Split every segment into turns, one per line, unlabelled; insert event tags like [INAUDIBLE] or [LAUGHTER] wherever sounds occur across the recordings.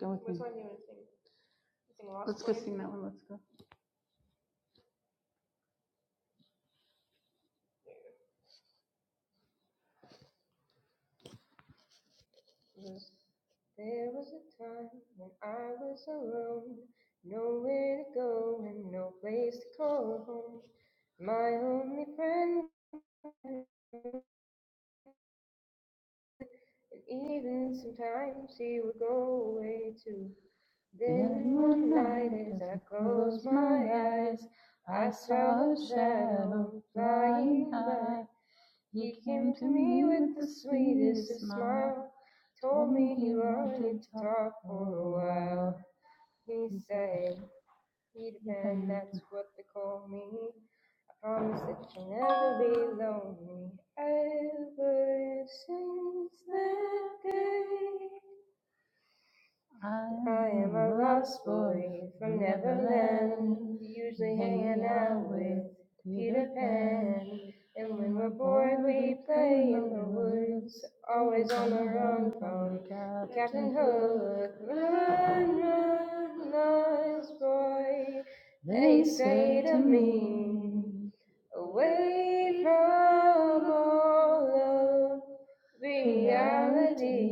Go with Which me. Which one you want to sing? sing Lost Let's go sing that one. Let's go. There's no place to call home. My only friend, even sometimes he would go away too. Then one night, as I closed my eyes, I saw a shadow flying by. He came to me with the sweetest smile, told me he wanted to talk for a while. He said, Peter Pan, that's what they call me. I Promise that you'll never be lonely ever since that day. I am a lost boy from Neverland, usually hanging out with Peter Pan. And when we're bored, we play in the woods, always on the run from Captain Hook. Run, run, lost boy, they say to me, Away from all of reality,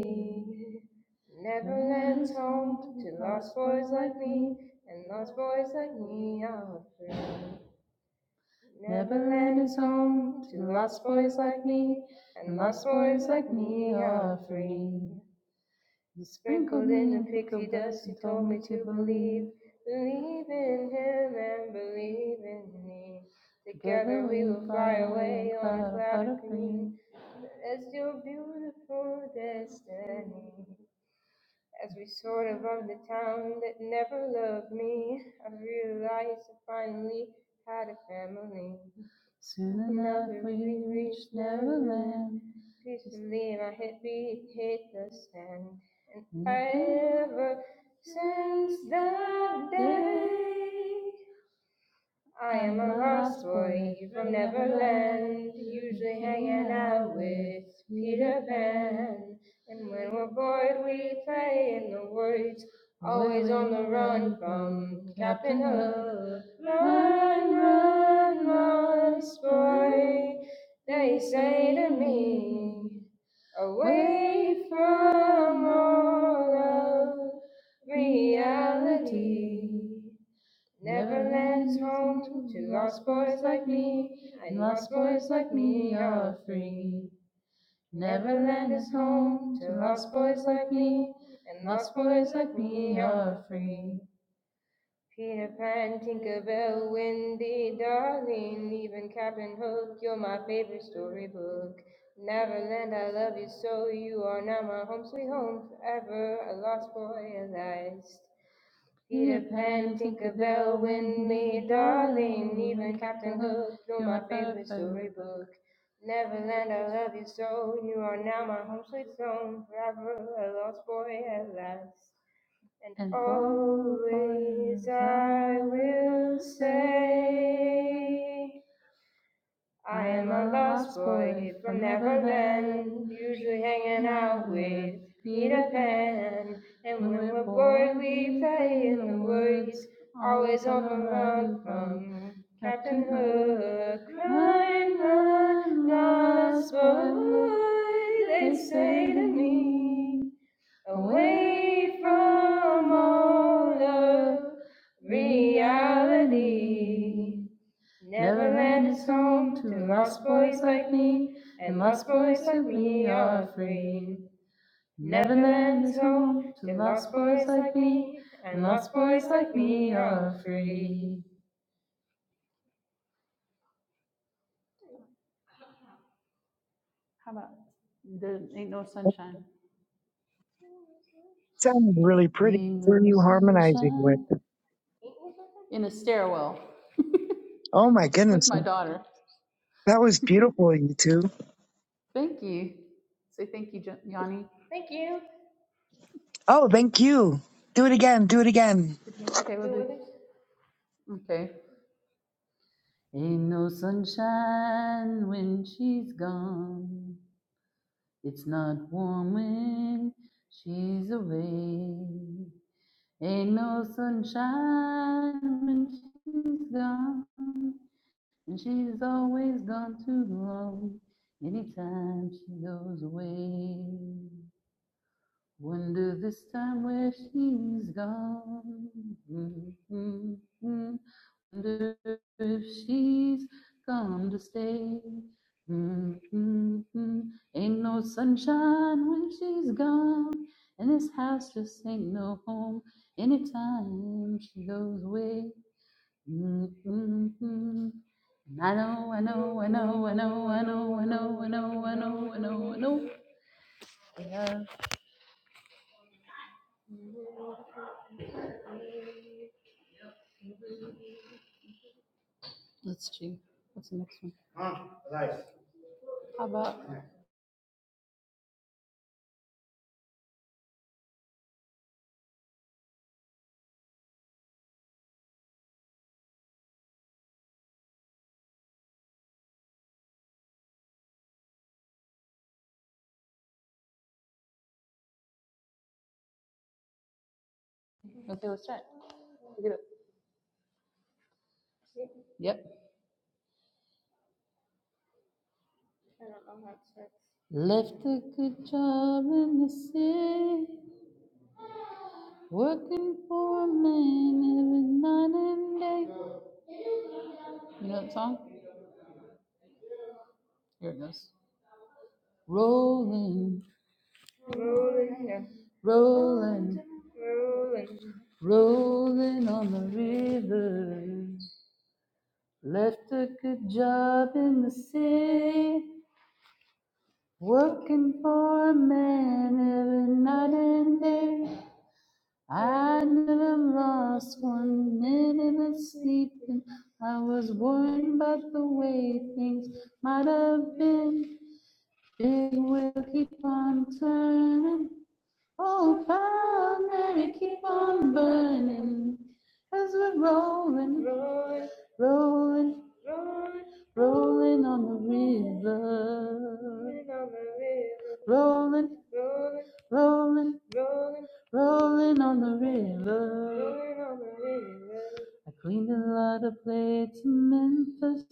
Never lands home to lost boys like me, and lost boys like me are free. Never lands home to lost boys like me, and lost boys like me are free. And Sprinkled in the pixie dust, he told me to believe. Believe in him and believe in me. Together we will fly away on a cloud of green. That's your beautiful destiny. As we soared above the town that never loved me, I realized I finally had a family. Soon enough we reached Neverland. Peacefully my head hit the sand. And ever since that day, I am a lost boy from Neverland, usually hanging out with Peter Pan. And when we're bored, we play in the woods, always on the run from Captain Hook. Run, run, lost boy, they say to me, away from all of reality. Neverland's home to lost boys like me, and lost boys like me are free. Neverland is home to lost boys like me, and lost boys like me are free. Peter Pan, Tinkerbell, Wendy, darling, even Captain Hook, you're my favorite storybook. Neverland, I love you so, you are now my home sweet home forever, a lost boy at last. Peter Pan, Tinkerbell, Win Me, darling, even Captain Hook, you're my favorite storybook. Neverland, I love you so, you are now my home sweet home, forever a lost boy at last. And, and always I will say. I am a lost boy from Neverland, usually hanging out with Peter Pan. And when we're bored, we play in the woods, always on the run from Captain Hook. I'm a lost boy, they say to me, away from all of reality. Neverland is home to lost boys like me, and lost boys like me are free. Neverland is home to lost boys like me, and lost boys like me are free. There ain't no sunshine.
Sounded really pretty.
Ain't
Who are
no
you harmonizing with?
sunshine. In a stairwell
Oh my
with
goodness.
my daughter.
That was beautiful, you two.
Thank you. Say thank you, Yanni. Thank you.
Oh, thank you. Do it again. Do it again.
Okay, we'll do. it. Okay. Ain't no sunshine when she's gone. It's not warm she's away. Ain't no sunshine when she's gone. And she's always gone too long anytime she goes away. Wonder this time where she's gone. Mm-hmm. Wonder if she's come to stay. Mm-hmm. Ain't no sunshine when she's gone. And this house just ain't no home anytime she goes away. Mm-hmm. And I know, I know, I know, I know, I know, I know, I know, I know, I know, I know. I know. Yeah. Let's see. What's the next one? How about, okay, let's check. Look at it. See? Yep. I don't know how it starts. Left a good job in the city, working for a man every night and day. You know that song? Here it goes. Rolling, Rolling, yeah. rolling, rolling rolling on the river. Left a good job in the city, Working for a man every night and day. I never lost one minute of sleeping. I was worried about the way things might have been. Big wheel keep on turning. Oh, Hail Mary, keep on burning as we're rolling, rolling, rolling, rolling, rolling on the river, rolling, rolling, rolling, rolling, Rolling on the river. I cleaned a lot of plates in Memphis.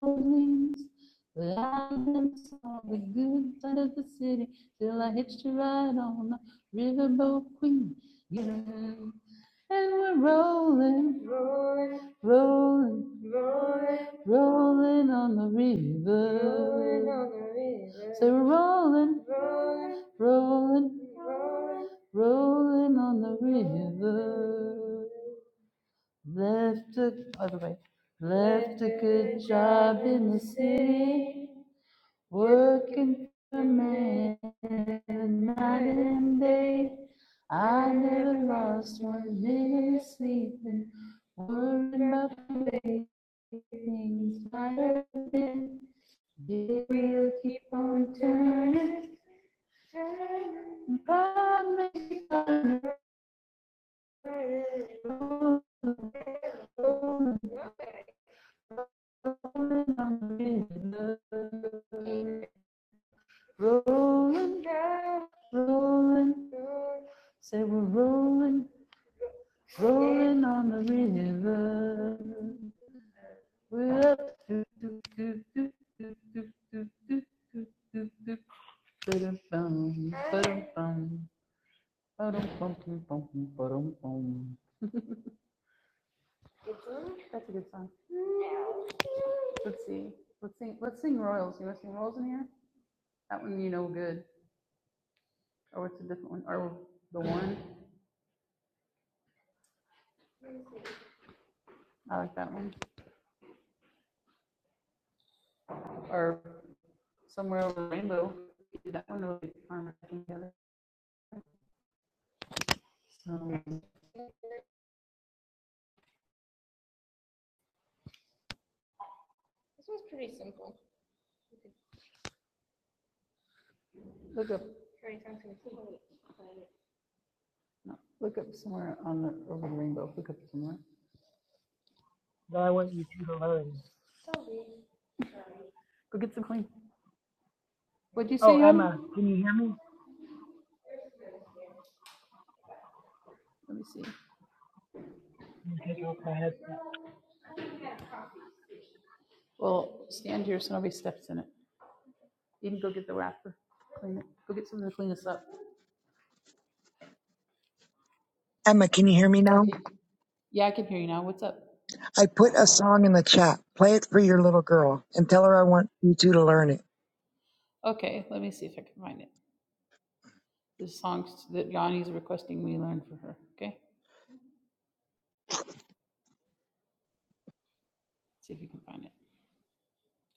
wings. But I never saw the good side of the city till I hitched a ride on the riverboat queen. You and we're rolling, rolling, rolling, rolling, rolling on the river. Rolling on the river. So we're rolling, rolling, rolling, rolling, rolling on the river. Left a other way. Left a good job in the city, working for a man night and day. I never lost one minute sleeping, worried about the way things might have been. The wheel keep on turning, turning, God makes it turn. Rolling on the river, rolling, down, rolling. Say we're rolling, rolling on the river. We're up. Do, do, do, do, do, do, do, do, do, do, do. Ba-dum-bum, ba-dum-bum, ba-dum-bum-bum-bum, ba-dum-bum. That's a good song. Let's see. Let's sing. Let's sing Royals. You want to sing Royals in here? That one you know good. Or it's a different one? Or the one? I like that one. Or somewhere over the rainbow. That one really farm together. So This one's pretty simple. look up, no, look up somewhere on the over the rainbow. Look up somewhere. Go get some clean. What'd you
Oh,
say, Yanni?
Emma.
Let me see. Well, stand here so nobody steps in it. You can go get the wrapper. Clean it. Go get something to clean us up.
Emma, can you hear me now?
Okay. Yeah, I can hear you now. What's up?
I put a song in the chat. Play it for your little girl and tell her I want you two to learn it.
Okay, let me see if I can find it. This song that Yanni's requesting we learn for her. Okay, see if you can find it.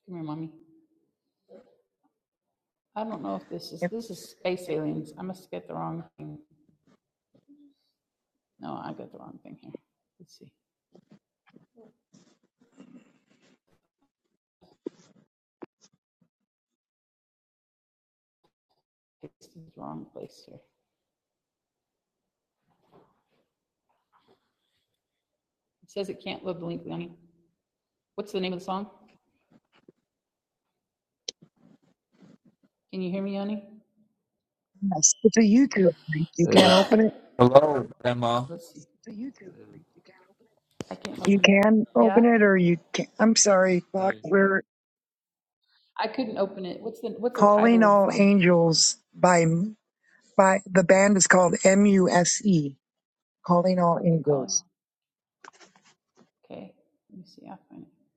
Come here, mommy. I don't know if this is,
If-
this is space aliens. I must get the wrong thing. No, I got the wrong thing here. Let's see. It's the wrong place here. It says it can't load the link, Yanni. What's the name of the song? Can you hear me, Yanni?
Yes. It's a YouTube link. You
Uh,
can't open it.
Hello, Grandma.
Let's see. I can't
You
open it.
can open
Yeah?
it or you can't. I'm sorry. Fuck. We're
I couldn't open it. What's the, what's the
calling
title of the
all
song?
angels by, by the band is called M-U-S-E. Calling all
Okay, calling.
angels.
Okay, let me see. I'll find it.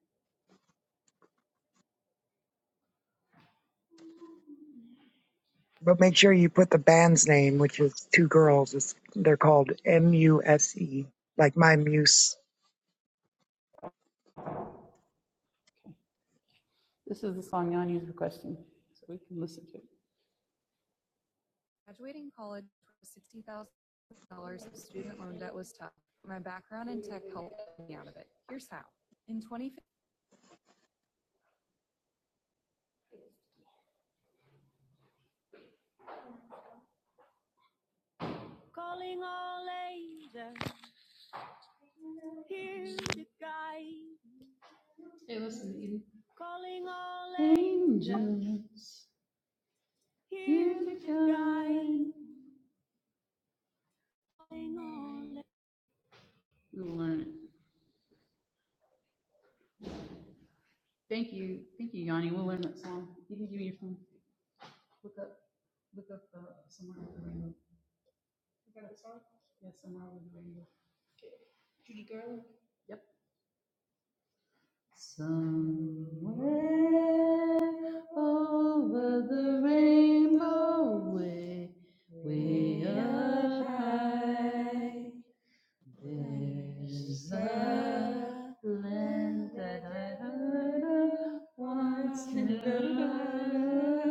But make sure you put the band's name, which is two girls. It's, they're called M U S E, like my muse.
Okay. This is the song Yanni is requesting, so we can listen to it. Angel, hear me crying. We'll learn it. Thank you, thank you, Yanni. We'll learn that song. You can give me your phone. Look up, look up uh, somewhere over the rainbow. You got it, sorry? Yeah, somewhere over the rainbow. Yep. Somewhere over the rainbow, way, way up high, there's a land that I heard of once in a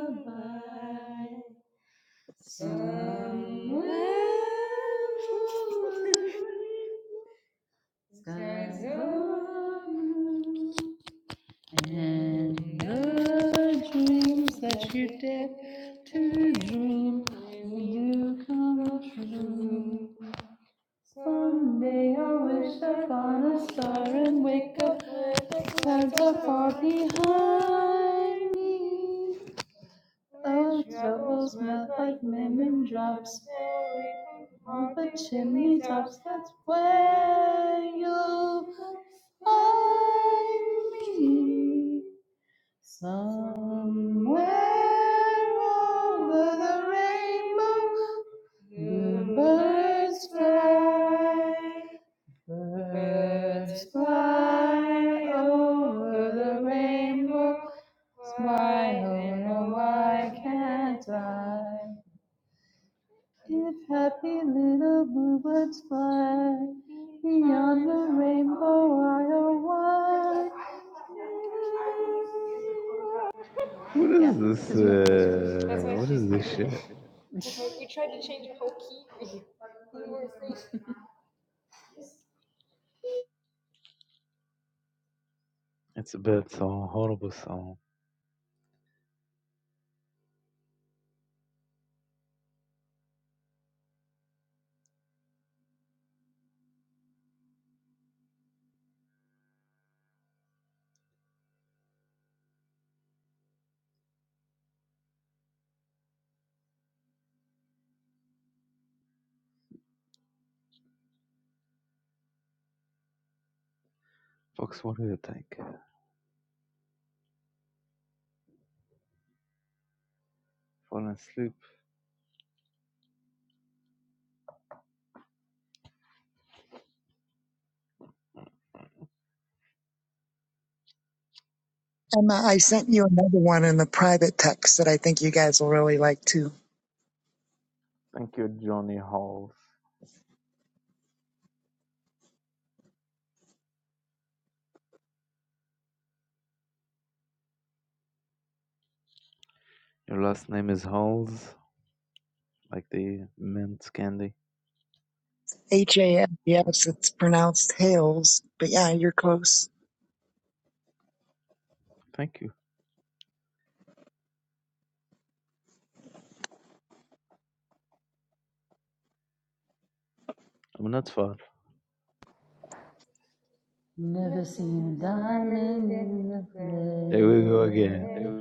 lullaby. and the dreams that you dare to dream will come true. Someday I wish upon a star and wake up with the clouds are far behind me. Our troubles melt like lemon drops on the chimney tops. That's where you'll find me. Somewhere over the rainbow, the birds fly. Birds fly over the rainbow. Why, oh, no, why can't I? If happy little bluebirds fly beyond the rainbow I'll why.
what
Yeah,
is this?
because you have the hush voice. That's
Uh,
why
what
she's
is this
doing
shit?
it. [LAUGHS] we tried to change the whole key for you. [LAUGHS]
It's a bad song, horrible song. Fox, what do you think? Falling asleep.
Emma, I sent you another one in the private text that I think you guys will really like too.
Thank you, Johnny Halls. Your last name is Halls, like the mint candy.
H A M E S. It's pronounced Hales, but yeah, you're close.
Thank you. I'm not far.
Never seen a diamond in the [LAUGHS]
Here we go again.
rain.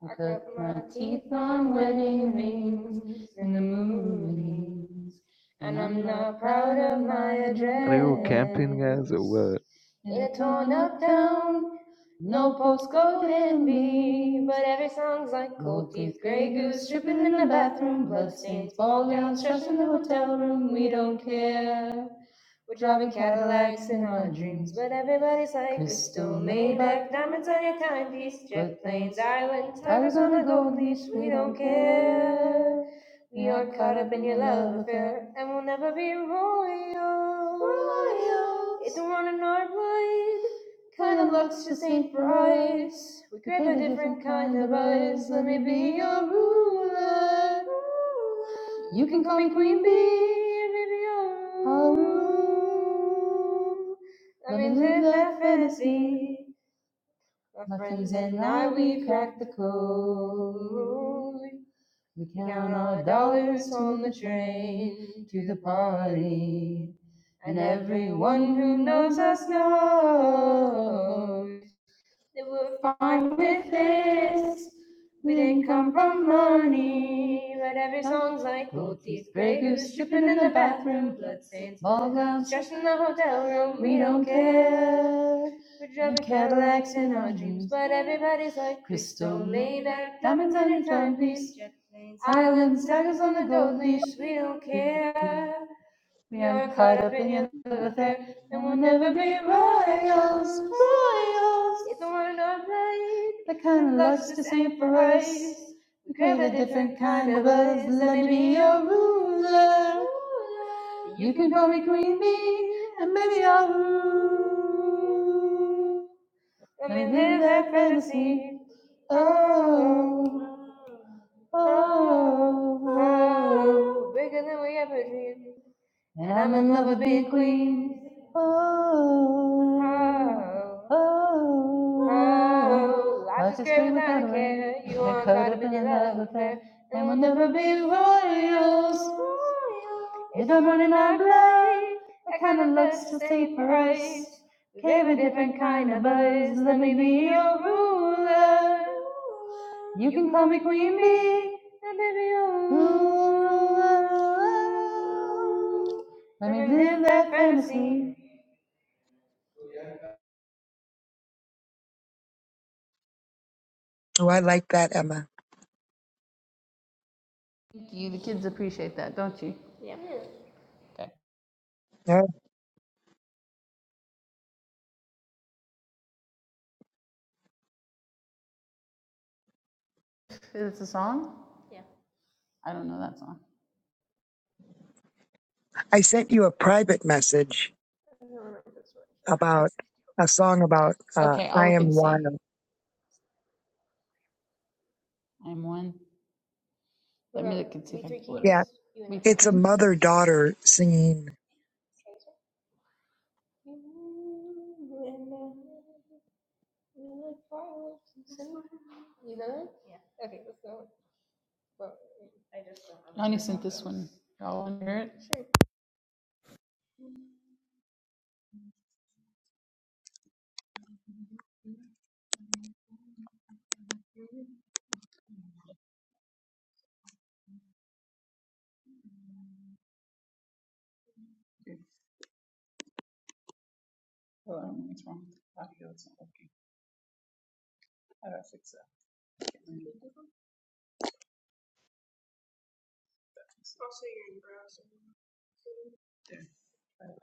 I cut my teeth on wedding rings in the movies, and I'm not proud of my address.
Are you camping, guys, or what?
They're torn up down, no postcode envy, but every song's like gold teeth, grey goose dripping in the bathroom, bloodstains, ball gowns, trash in the hotel room. We don't care. We're driving Cadillacs in our dreams, but everybody's like crystal Maybach, diamonds on your timepiece, jet planes, island, tigers on the gold leash. We don't care. We are caught up in your love affair, and we'll never be royal. Royal. It's a one in our blood. Kind of luck's just ain't bright. We crave a different kind of eyes. Let me be your ruler. You can call me Queen Bee, maybe Oh, let me live that fantasy. My friends and I, we crack the code. We count our dollars on the train to the party. And everyone who knows us knows they were fine with this. We didn't come from money, but every song's like gold teeth, grey goose dripping in the bathroom, bloodstains, ball gowns, trash in the hotel room. We don't care. We're driving Cadillacs in our dreams, but everybody's like crystal, Maybach, diamonds on your timepiece, jet planes, islands, daggers on the gold leash. We don't care. We are caught up in your love affair, and we'll never be royals, royals. You don't wanna know right. The kind of luck's just ain't for us. We crave a different kind of us. Let me be your ruler. You can call me Queen Bee, and maybe I'll rule. Let me live that fantasy. Oh, oh, oh, bigger than we ever dreamed. And I'm in love with big queens. Oh, oh, oh. oh Life is great without a care. You are caught up in a love affair. And we'll never be royals. If I'm running out of blood, that kind of looks to stay for us. Gave a different kind of buzz. Let me be your ruler. You can call me Queen Bee. And baby, you're a ruler. Let me live that fantasy.
Oh, I like that, Emma.
You, the kids appreciate that, don't you? Yeah. Okay.
Yeah.
Is it a song? Yeah. I don't know that song.
I sent you a private message
I don't remember this one.
about a song about uh,
Okay, I'll
I
look
Am
and see.
Wild.
I'm one. Let me look and see if I can pull it. up.
Yeah,
We Three
it's a
Kings?
mother daughter singing
You know it? Yeah. Okay, let's go. Well, I just don't I only sent this one. Y'all want to hear it? Oh, I don't know what's wrong with the audio. It's not okay. How do I fix It's also your browser. there.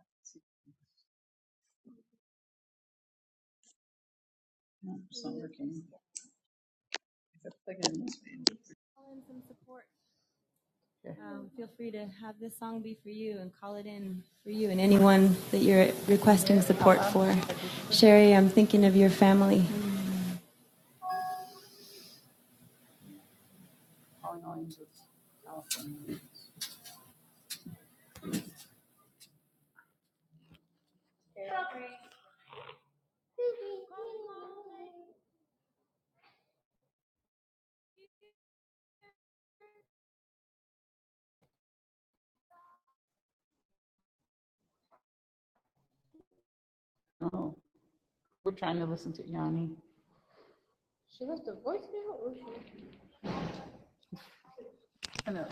No, It's not working. Um, feel free to have this song be for you and call it in for you and anyone that you're requesting support for. Sherry, I'm thinking of your family. Oh, we're trying to listen to Yanni. She left a voicemail or she I know.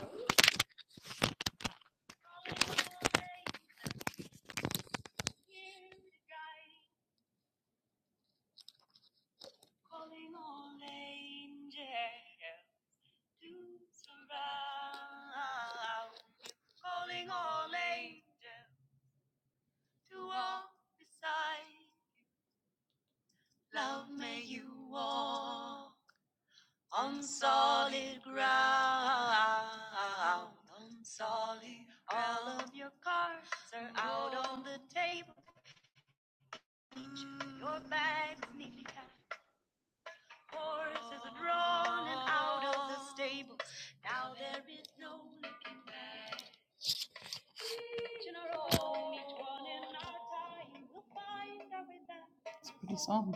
Pretty song.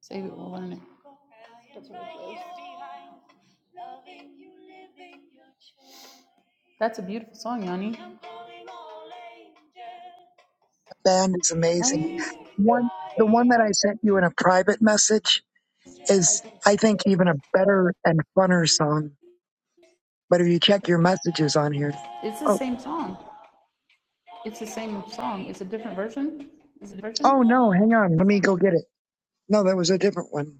Save it, we'll learn it. That's a beautiful song, Yanni.
band is amazing.
Colors.
One, the one that I sent you in a private message is, I think, even a better and funner song. But if you check your messages on here,
It's the
oh,
same song. It's the same song. It's a different version. Is it a version?
oh
No,
no, hang on, let me go get it. No, that was a different one.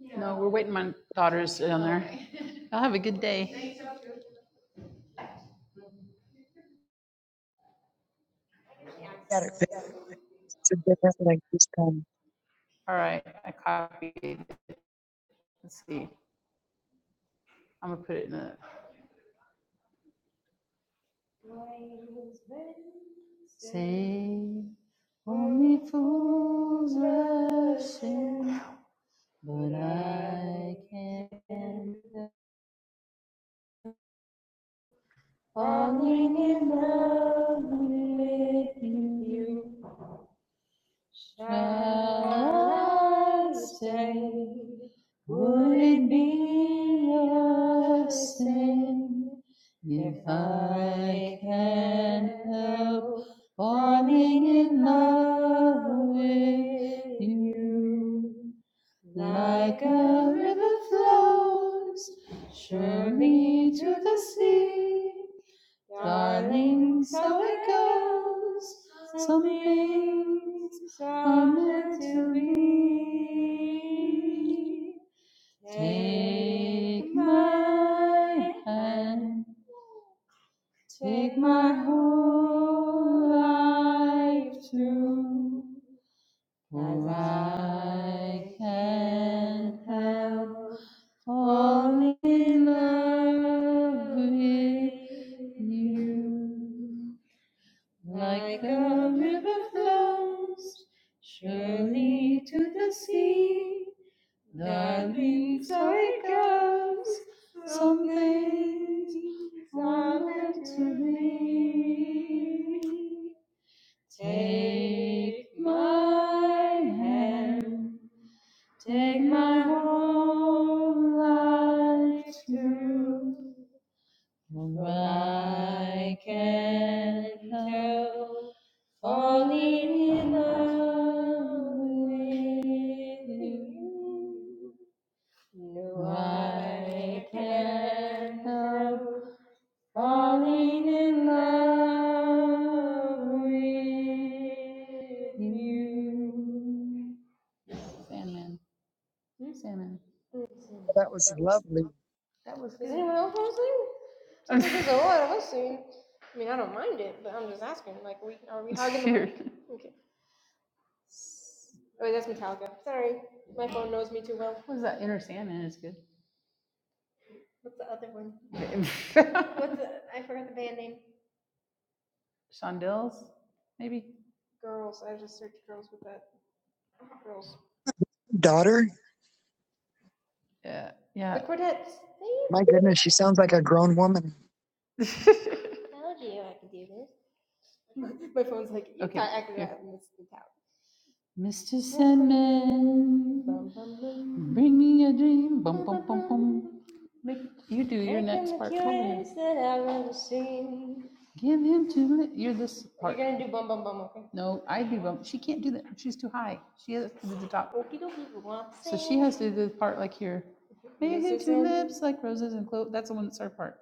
Yeah. we're waiting. My daughter's down there. Y'all have a good day.
Got it. It's a different link this time.
All right, I copied. it. Let's see. I'm gonna put it in the. Save only fools rush in. Falling in love with you. Shall I stay? Would it be a sin if I can not help falling in love with you? Like a river flows surely to the sea, darling, so it goes. Some things are meant to be. Take my hand, take my whole life through, for I can't help falling in love with you. Like a river flows surely to the sea. That means I guess some things are meant to be. Take my hand, take my whole life too. For I can't help falling in love with you. No, I can't help falling in love. you. Sandman. Sandman.
That was
That was
lovely,
that was Is anyone else want to sing? [LAUGHS] there's a lot of us singing. I mean, I don't mind it, but I'm just asking. Like, we are we hugging? the mic? [LAUGHS] Okay. Oh, wait, that's Metallica. Sorry, my phone knows me too well. What was that? Inner Sandman is good. What's the other one? [LAUGHS] What's the, I forgot the band name. Shondells, maybe.
daughter.
Yeah. yeah. The Yeah. Cordettes.
My
See?
goodness, she sounds like a grown woman.
[LAUGHS] I told you I could do this. Like, you okay. I could Here. Mr. Sandman, Bum, bum, bring me a dream. Bum, bum, bum, bum, Make, you do your next part Give him two me. You're this part. You're gonna do bum bum bum, okay? No, I do bum. She can't do that. She's too high. She has to do the top. So she has to do the part like here. Make him two lips like roses and cloves. That's the one that's her part.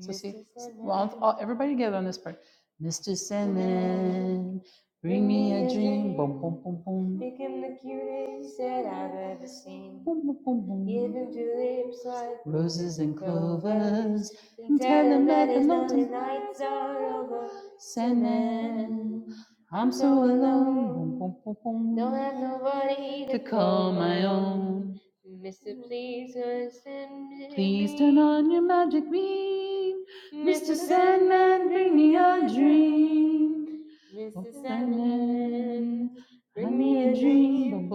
So see, well, everybody together on this part. Mr. Sandman, bring me a dream. Boom, boom, boom, boom. Make him the cutest that I've ever seen. Boom, boom, boom, boom. Give him tulips like roses and clovers. And tell him that his lonely nights are over. Sandman, I'm so alone. Boom, boom, boom, boom. Don't have nobody to call my own. Mister, please do Please turn on your magic beam. Mr. Sandman, bring me a dream. Mister Sandman, bring me a dream.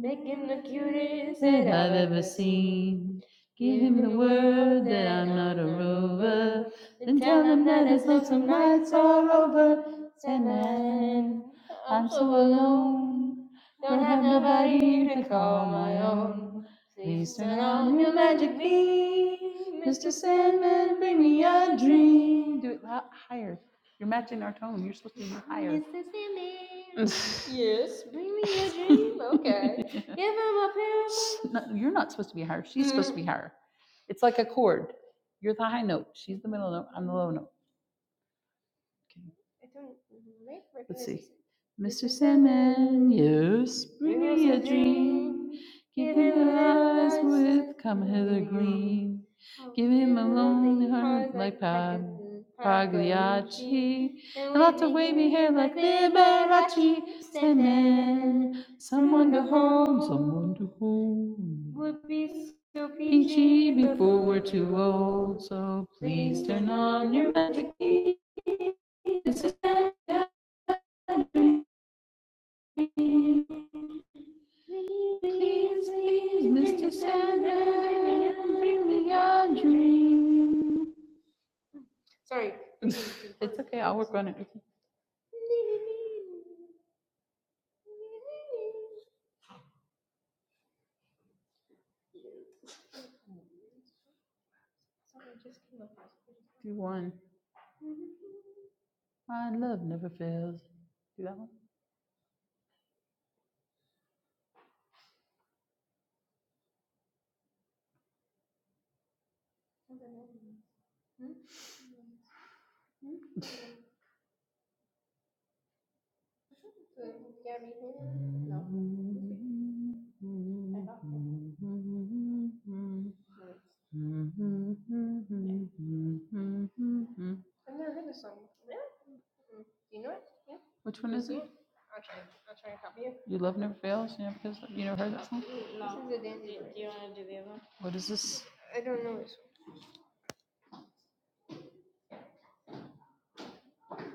Make him the cutest That I've ever seen. Give him the word that I'm not a rover. Then tell him that his lonesome nights are over. Sandman, I'm so alone. Don't have nobody to call my own. Please turn on your magic beam, Mr. Sandman, bring me a dream. Do it lou- higher. You're matching our tone. You're supposed to be higher. Mr. Sandman. [LAUGHS] Yes, bring me a dream. Okay. [LAUGHS] Give him a parable. No, you're not supposed to be higher. She's mm-hmm. supposed to be higher. It's like a chord. You're the high note. She's the middle note. I'm the low note. Okay. Let's see. Mr. Mr. Sandman, yes, bring us me a dream. Give him a eyes with come hither green. Give him a lonely heart like Pag- Pagliacci. And lots of wavy hair like like Liberace. Liberace. Sandman. someone to hold, someone to hold. would be so Peachy before we're too old. so Please turn on your magic key. Mr. Santa, please, please, Mr. Santa, bring me your dream. Sorry. It's okay, I'll work on it do one. My love never fails. Do that one? Yeah, me too. I've never heard this song. Yeah. Yeah. You know it. Yeah. Which one is it? You love never fails. You never You never heard that song? What is this? I don't know this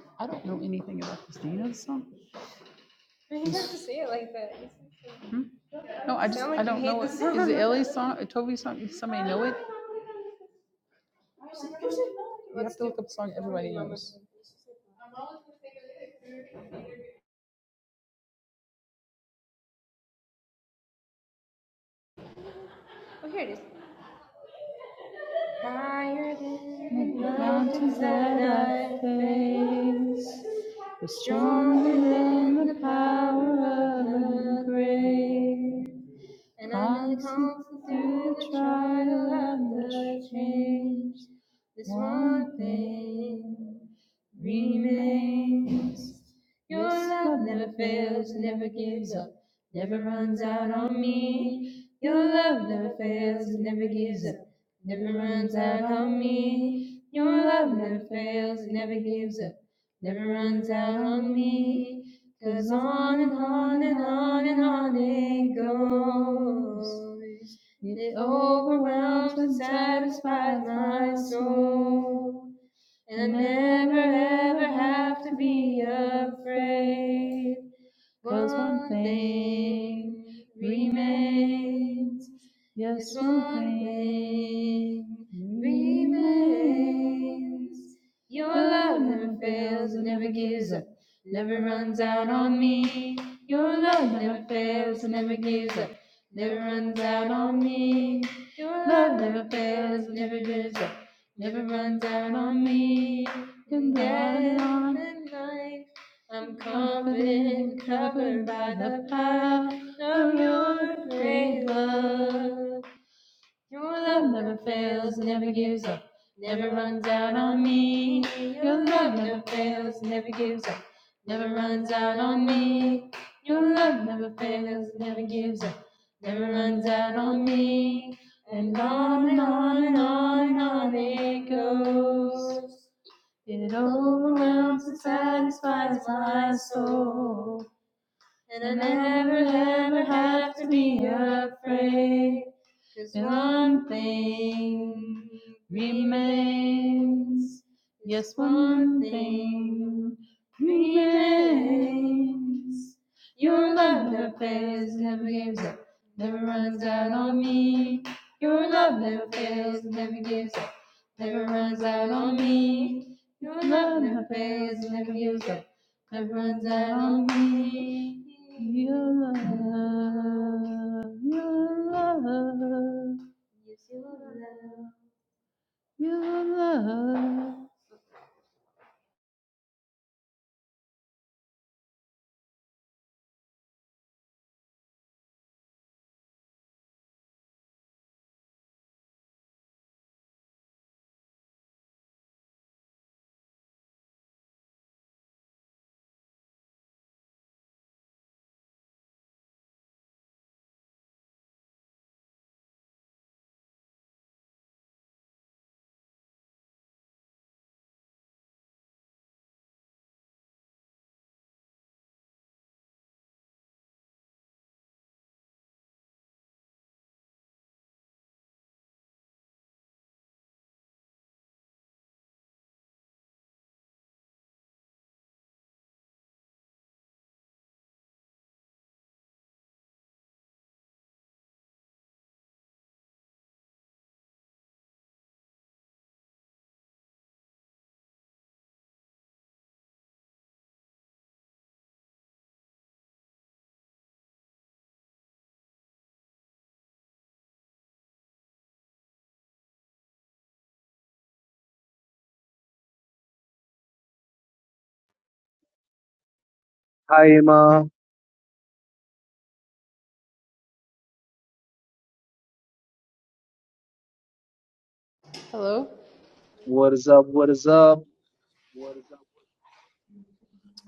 one. I don't know anything about this. Do you know this song? You have to say it like that. Hmm? No, I just, like I don't know. it. Is it Ellie's song? Or Toby's song? Does somebody know it? You have to look up a song everybody knows. Oh, here it is. Higher than the mountains that I face, stronger than the power of grace. And I'm constant through the trial and the change. This one thing remains. Your love never fails, never gives up, never runs out on me. Your love never fails, never gives up, never runs out on me. Your love never fails, never gives up, never runs out on me. 'Cause on and on and on and on it goes. It overwhelms and satisfies my soul. And I never ever have to be afraid, 'cause one thing remains name remains. Your love never fails, it never gives up, never runs out on me. Your love never fails, it never gives up, never runs out on me. Your love never fails, it never gives up, never runs out on me. And that on the night, I'm confident, covered by the power of your great love. Your love never fails, never gives up, never runs out on me. Your love never fails, never gives up, never runs out on me. Your love never fails, never gives up, never runs out on me. And on and on and on and on it goes. It overwhelms and satisfies my soul. And I never, never ever have to be afraid. 'Cause one thing remains. Yes, Yes, one thing remains. Your love never fails, never gives up, never runs out on me. Your love never fails, never gives up, never runs out on me. Your love never fails, never gives up, that runs out on me. Your love, your love, your love.
Hi Emma,
Hello?
what is up? What is up?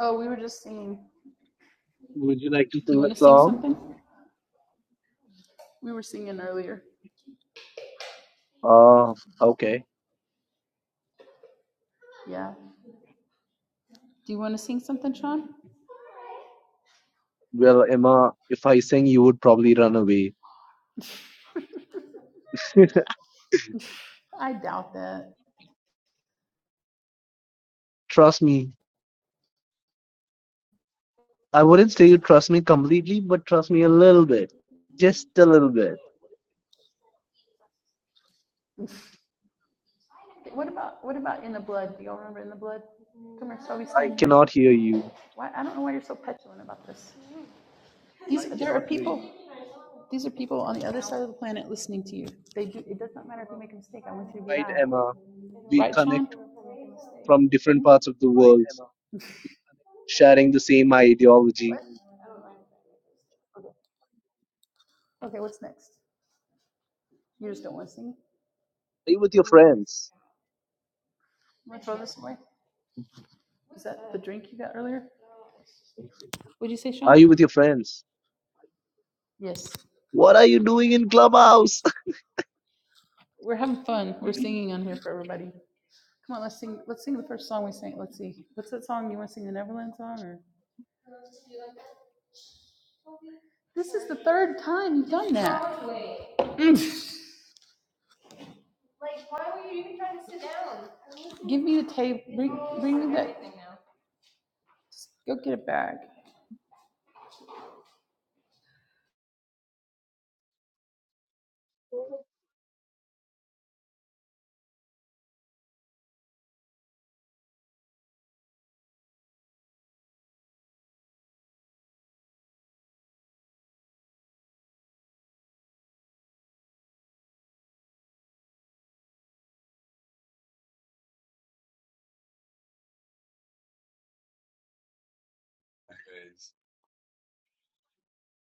Oh, we were just singing.
Would you like to
Do you
sing a
want to sing
song?
something? We were singing earlier.
Uh, okay.
Yeah. Do you want to sing something, Sean?
Well, Emma, if I sing, you would probably run away.
[LAUGHS]
[LAUGHS]
I doubt that.
Trust me. I wouldn't say you trust me completely, but trust me a little bit. Just a little bit.
What about what about in the blood? Do y'all remember in the blood? Come here, so we
I
stand here.
cannot hear you.
Why I don't know why you're so petulant about this. These there are people. These are people on the other side of the planet listening to you. They do, it does not matter if you make a mistake. I want you to be
Right,
loud.
Emma? We
Right, Sean?
connect from different parts of the world, sharing the same ideology.
What? Okay. Okay, what's next? You just don't want to sing?
Are you with your friends?
You want to throw this away? Is that the drink you got earlier? What'd you say,
Are
Sean?
you with your friends?
Yes.
What are you doing in Clubhouse?
We're having fun. We're singing on here for everybody. Come on, let's sing. Let's sing the first song we sang. Let's see. What's that song? You want to sing the Neverland song or? This is the third time you've done that. Mm. Why were you even trying to sit down? Give me the tape. Bring, bring me that. Go get a bag.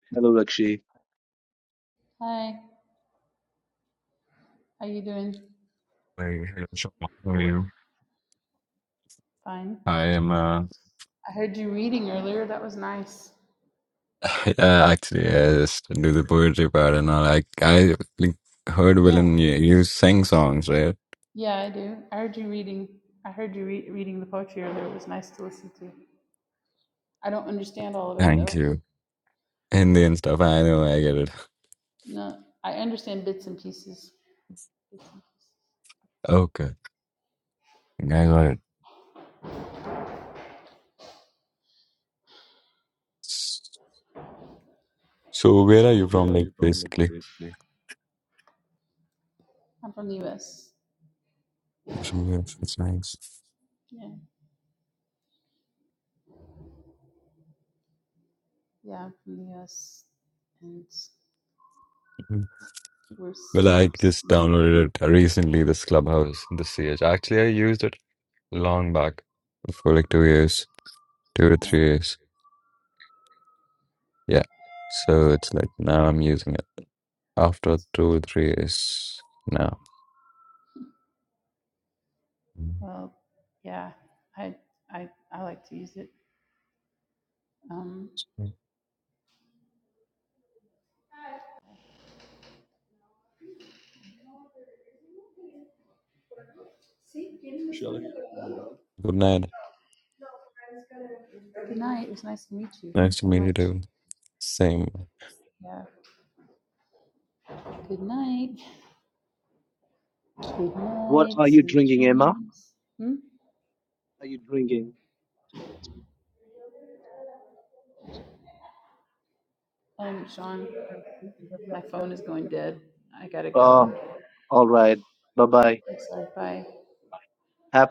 [LAUGHS] Hello, Akshay.
Hi, how you doing?
Hey, hey, Sean, how are you?
Fine.
I am uh,
I heard you reading earlier. That was nice.
[LAUGHS] yeah, actually I just do the poetry part and all. I I like, heard
Yeah,
Villain you, you sing songs, right?
yeah, I do. I heard you reading. I heard you re- reading the poetry earlier. It was nice to listen to. I don't understand all of it
Thank
though.
you. Hindi and stuff. I know, I get it.
No, I understand bits and pieces.
Okay, I got it. So where are you from? Like basically,
I'm from the U.S.
you're from here. That's nice.
Yeah, yeah, I'm from the U.S. And
Mm.
we're s-
Well, I
we're s-
just
no,
downloaded it recently. This Clubhouse, the CH. Actually, I used it long back for like two years, two to
no.
three years. Yeah. So it's like now I'm using it after two or three years now. Mm.
Well, yeah, I I I like to use it. Um,
Good night.
good night. It was nice to meet you
Nice to
so
meet you
much.
too. Same.
Yeah. Good night. Good
What
night.
are you
Sweet
drinking, Emma?
dreams. Hmm?
are you drinking?
Um, Sean, my phone is going dead. I gotta
Uh,
go.
all right. Bye bye.
i like Bye.
Have